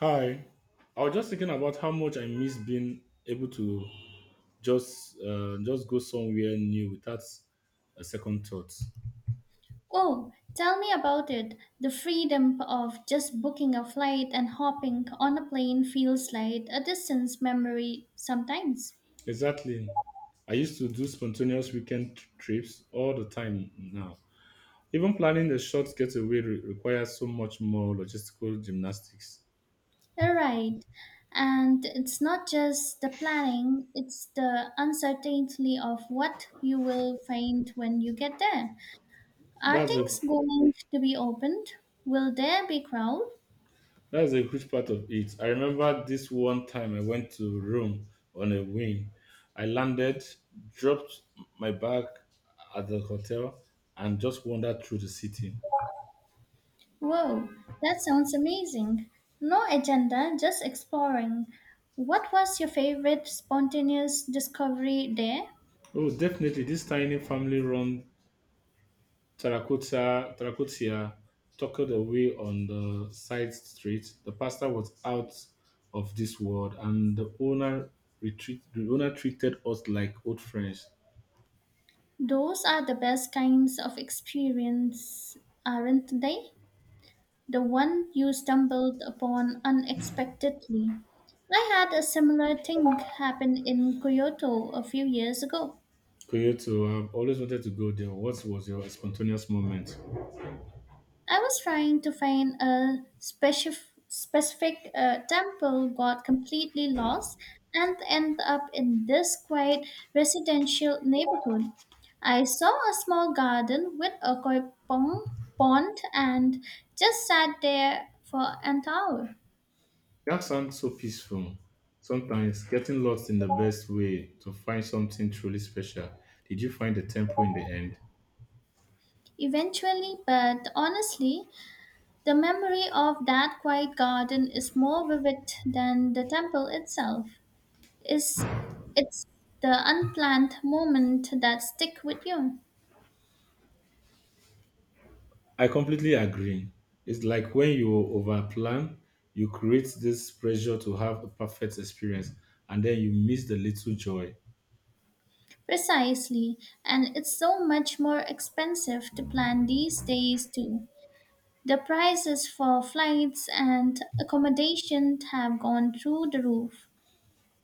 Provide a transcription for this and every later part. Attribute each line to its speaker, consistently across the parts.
Speaker 1: Hi. I was just thinking about how much I miss being able to just go somewhere new without a second thought.
Speaker 2: Oh, tell me about it. The freedom of just booking a flight and hopping on a plane feels like a distance memory sometimes.
Speaker 1: Exactly. I used to do spontaneous weekend trips all the time now. Even planning a short getaway requires so much more logistical gymnastics.
Speaker 2: You're right. And it's not just the planning, it's the uncertainty of what you will find when you get there. Are
Speaker 1: That's a
Speaker 2: things going to be opened? Will there be crowd?
Speaker 1: That's a huge part of it. I remember this one time I went to Rome on a whim. I landed, dropped my bag at the hotel, and just wandered through the city.
Speaker 2: Whoa, that sounds amazing. No agenda, just exploring. What was your favorite spontaneous discovery there?
Speaker 1: Oh, definitely, this tiny family-run terracotta tucked away on the side street. The pastor was out of this world, and the owner retreat. The owner treated us like old friends.
Speaker 2: Those are the best kinds of experience, aren't they? The one you stumbled upon unexpectedly. I had a similar thing happen in Kyoto a few years ago.
Speaker 1: Kyoto, I've always wanted to go there. What was your spontaneous moment?
Speaker 2: I was trying to find a specific temple, got completely lost, and ended up in this quiet residential neighborhood. I saw a small garden with a koi pond, pond and just sat there for an hour.
Speaker 1: That sounds so peaceful. Sometimes getting lost in the best way to find something truly special. Did you find the temple in the end?
Speaker 2: Eventually, but honestly, the memory of that quiet garden is more vivid than the temple itself. Is it's the unplanned moment that stick with you.
Speaker 1: I completely agree. It's like when you overplan, you create this pressure to have a perfect experience and then you miss the little joy.
Speaker 2: Precisely, and it's so much more expensive to plan these days too. The prices for flights and accommodation have gone through the roof.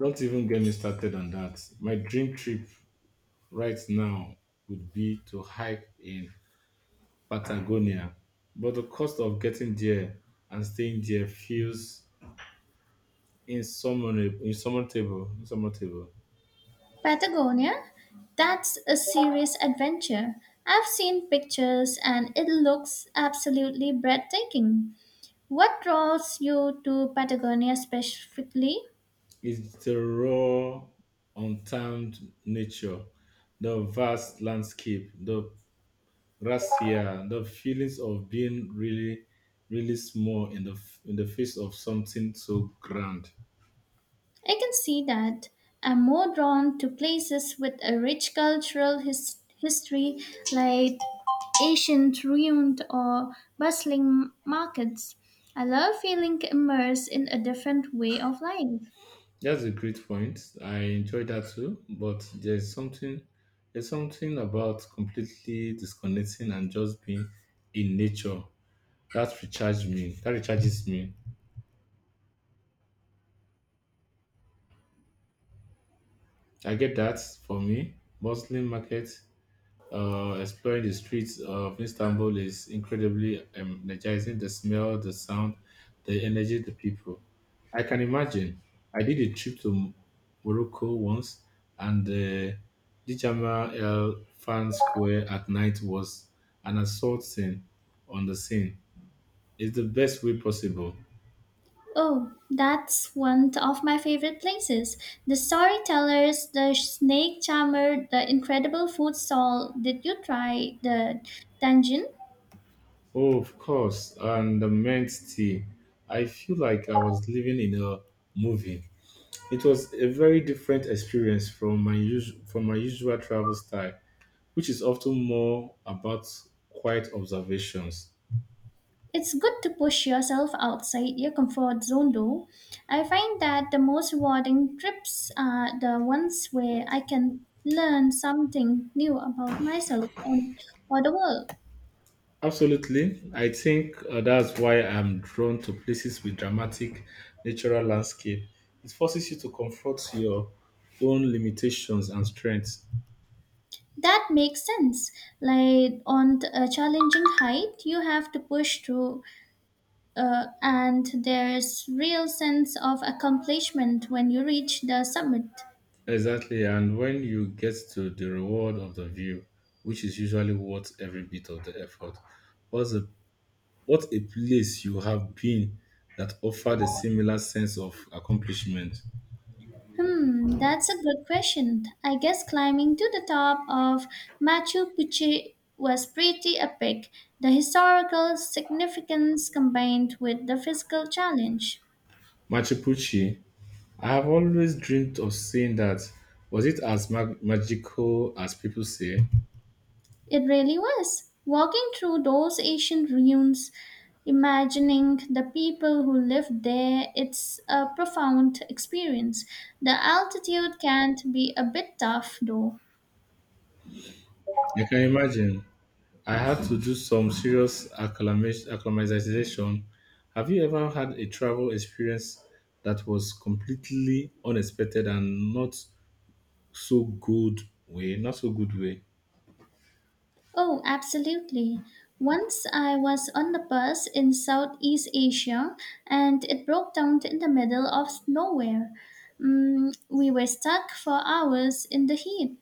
Speaker 1: Don't even get me started on that. My dream trip right now would be to hike in Patagonia, but the cost of getting there and staying there feels insurmountable.
Speaker 2: Patagonia, that's a serious adventure. I've seen pictures and it looks absolutely breathtaking. What draws you to Patagonia specifically?
Speaker 1: It's the raw, untamed nature, the vast landscape, the razzia, the feelings of being really, really small in in the face of something so grand.
Speaker 2: I can see that. I'm more drawn to places with a rich cultural history, like ancient ruins or bustling markets. I love feeling immersed in a different way of life.
Speaker 1: That's a great point. I enjoy that too. But there's something about completely disconnecting and just being in nature that recharges me. That recharges me. I get that for me. Muslim market, exploring the streets of Istanbul is incredibly energizing. The smell, the sound, the energy, the people. I can imagine. I did a trip to Morocco once, and the Dijama El Fan Square at night was an assault scene on the scene. It's the best way possible.
Speaker 2: Oh, that's one of my favorite places. The storytellers, the snake charmer, the incredible food stall. Did you try the dungeon?
Speaker 1: Oh, of course, and the mint tea. I feel like I was living in a movie. It was a very different experience from my usual travel style, which is often more about quiet observations.
Speaker 2: It's good to push yourself outside your comfort zone though. I find that the most rewarding trips are the ones where I can learn something new about myself and or the world.
Speaker 1: Absolutely, I think that's why I'm drawn to places with dramatic natural landscape. It forces you to confront your own limitations and strengths.
Speaker 2: That makes sense. Like a challenging height, you have to push through, and there's real sense of accomplishment when you reach the summit.
Speaker 1: Exactly, and when you get to the reward of the view, which is usually worth every bit of the effort, what's the What a place you have been that offered a similar sense of accomplishment.
Speaker 2: Hmm, that's a good question. I guess climbing to the top of Machu Picchu was pretty epic. The historical significance combined with the physical challenge.
Speaker 1: Machu Picchu, I have always dreamed of seeing that. Was it as magical as people say?
Speaker 2: It really was. Walking through those ancient ruins, imagining the people who lived there, it's a profound experience. The altitude can be a bit tough though.
Speaker 1: You can imagine. I had to do some serious acclimatization. Have you ever had a travel experience that was completely unexpected and not so good way? Not so good way.
Speaker 2: Oh, absolutely. Once I was on the bus in Southeast Asia and it broke down in the middle of nowhere. We were stuck for hours in the heat.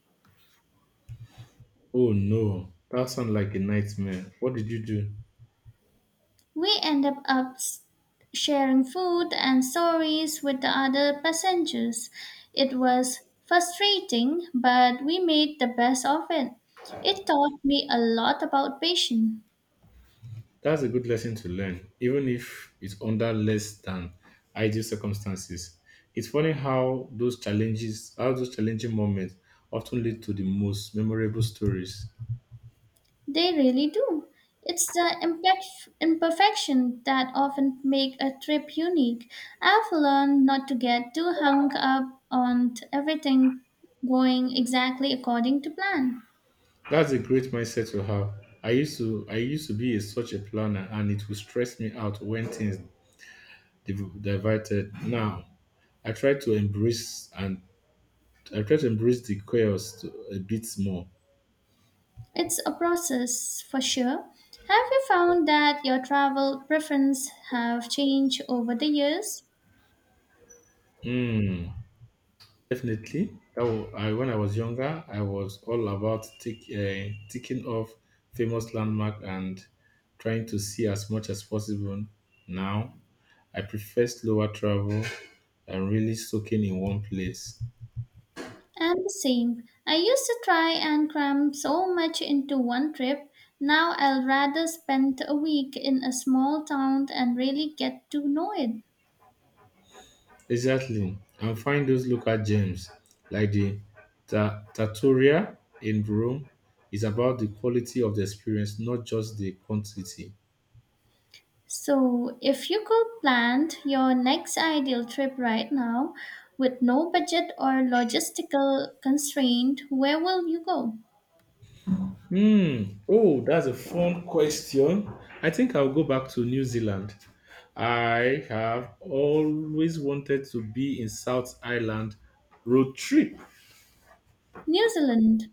Speaker 1: Oh no, that sounds like a nightmare. What did you do?
Speaker 2: We ended up sharing food and stories with the other passengers. It was frustrating, but we made the best of it. It taught me a lot about patience.
Speaker 1: That's a good lesson to learn, even if it's under less than ideal circumstances. It's funny how how those challenging moments often lead to the most memorable stories.
Speaker 2: They really do. It's the imperfection that often make a trip unique. I've learned not to get too hung up on everything going exactly according to plan.
Speaker 1: That's a great mindset to have. I used to be a, such a planner and it would stress me out when things diverted. Now, I try to embrace and I try to embrace the chaos to, a bit more.
Speaker 2: It's a process for sure. Have you found that your travel preferences have changed over the years?
Speaker 1: Hmm. Definitely. Oh, I, when I was younger, I was all about ticking off famous landmark and trying to see as much as possible. Now, I prefer slower travel and really soaking in one place.
Speaker 2: And the same. I used to try and cram so much into one trip. Now I'll rather spend a week in a small town and really get to know it.
Speaker 1: Exactly. And find those local gems like the Trattoria in Rome is about the quality of the experience, not just the quantity.
Speaker 2: So, if you could plan your next ideal trip right now with no budget or logistical constraint, where will you go?
Speaker 1: Hmm. Oh, that's a fun question. I think I'll go back to New Zealand. I have always wanted to be in South Island road trip.
Speaker 2: New Zealand,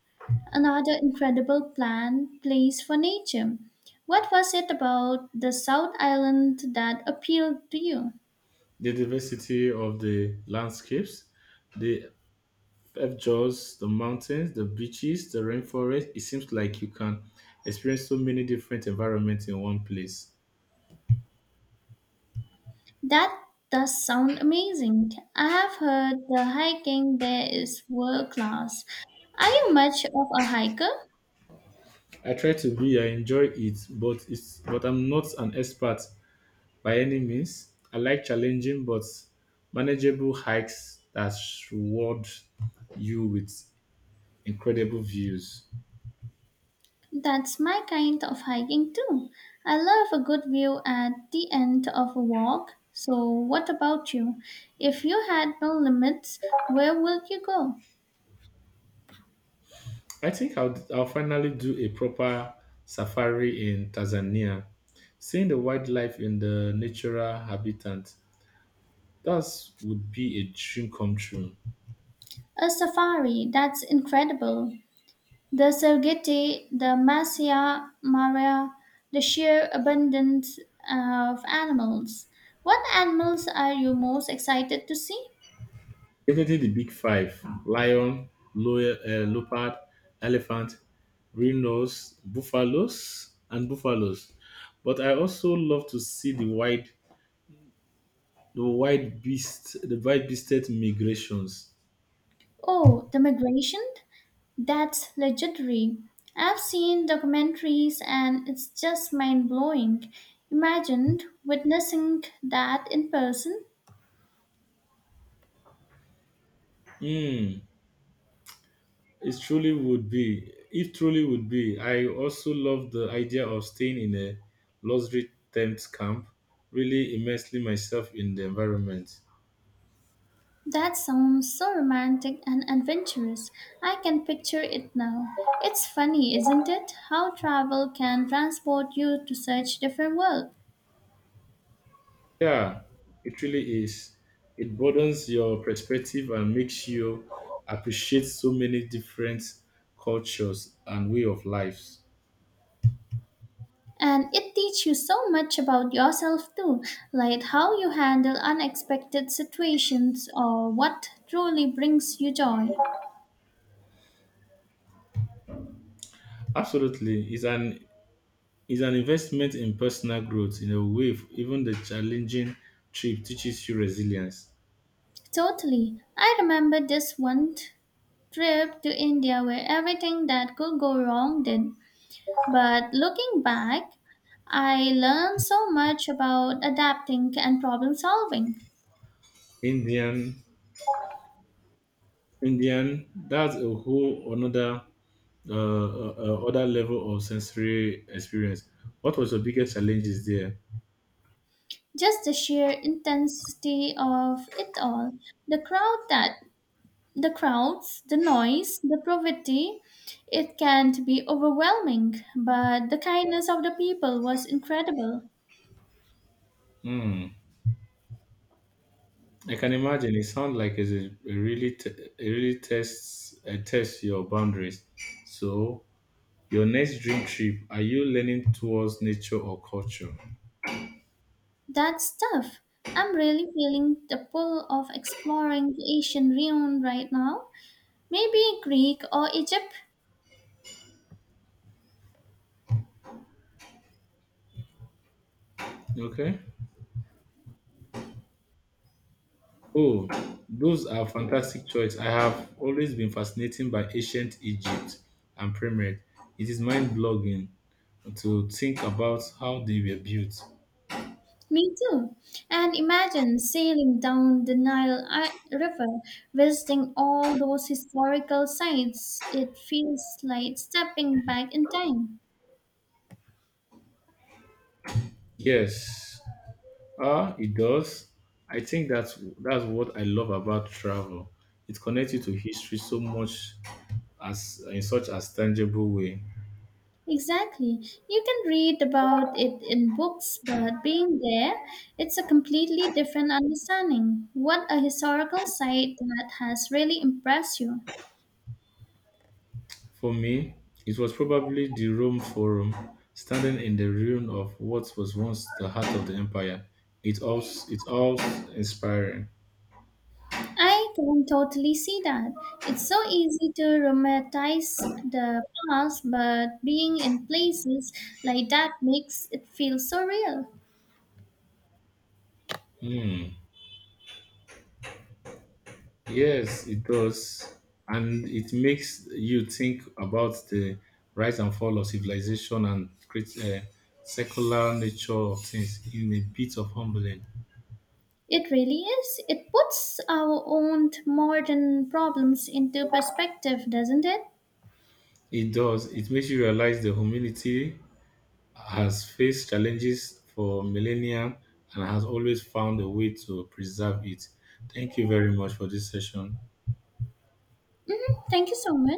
Speaker 2: another incredible plan place for nature. What was it about the South Island that appealed to you?
Speaker 1: The diversity of the landscapes, the fjords, the mountains, the beaches, the rainforest. It seems like you can experience so many different environments in one place.
Speaker 2: That does sound amazing. I have heard the hiking there is world class. Are you much of a hiker?
Speaker 1: I try to be, I enjoy it, but I'm not an expert by any means. I like challenging but manageable hikes that reward you with incredible views.
Speaker 2: That's my kind of hiking too. I love a good view at the end of a walk. So, what about you? If you had no limits, where would you go?
Speaker 1: I think I'll finally do a proper safari in Tanzania. Seeing the wildlife in the natural habitat, that would be a dream come true.
Speaker 2: A safari, that's incredible. The Serengeti, the Masai Mara, the sheer abundance of animals. What animals are you most excited to see?
Speaker 1: Definitely the big five lion, leopard, elephant, rhinos, buffaloes. But I also love to see the wild beast, the wild beasted migrations.
Speaker 2: Oh, the migration? That's legendary. I've seen documentaries and it's just mind blowing. Imagine witnessing that in person.
Speaker 1: Hmm, It truly would be. I also love the idea of staying in a luxury tent camp, really immersing myself in the environment.
Speaker 2: That sounds so romantic and adventurous. I can picture it now. It's funny, isn't it? How travel can transport you to such different worlds.
Speaker 1: Yeah, it really is. It broadens your perspective and makes you appreciate so many different cultures and way of lives.
Speaker 2: And it teaches you so much about yourself too, like how you handle unexpected situations or what truly brings you joy.
Speaker 1: Absolutely, it's an investment in personal growth. In a way, even the challenging trip teaches you resilience.
Speaker 2: Totally. I remember this one trip to India where everything that could go wrong did. But looking back, I learned so much about adapting and problem solving.
Speaker 1: Indian, Indian, that's a whole another other level of sensory experience. What was your biggest challenges there?
Speaker 2: Just the sheer intensity of it all. The crowd that the crowds, the noise, the poverty, it can be overwhelming, but the kindness of the people was incredible.
Speaker 1: Hmm. I can imagine. It sounds like it's a really it really tests tests your boundaries. So your next dream trip, are you leaning towards nature or culture?
Speaker 2: That stuff. I'm really feeling the pull of exploring the Asian realm right now. Maybe Greek or Egypt.
Speaker 1: Okay. Oh, those are fantastic choice. I have always been fascinated by ancient Egypt and pyramid. It is mind blogging to think about how they were built.
Speaker 2: Me too. And imagine sailing down the Nile River, visiting all those historical sites. It feels like stepping back in time.
Speaker 1: Yes, it does. I think that's what I love about travel. It connects you to history so much as in such as tangible way.
Speaker 2: Exactly. You can read about it in books, but being there, it's a completely different understanding. What a historical site that has really impressed you.
Speaker 1: For me, it was probably the Rome Forum, standing in the ruin of what was once the heart of the empire. It's all inspiring.
Speaker 2: I can totally see that. It's so easy to romanticize the past, but being in places like that makes it feel so real.
Speaker 1: Hmm. Yes, it does. And it makes you think about the rise and fall of civilization and secular nature of things in a bit of humbling.
Speaker 2: It really is. It puts our own modern problems into perspective, doesn't it?
Speaker 1: It does. It makes you realize the humanity has faced challenges for millennia and has always found a way to preserve it. Thank you very much for this session.
Speaker 2: Thank you so much.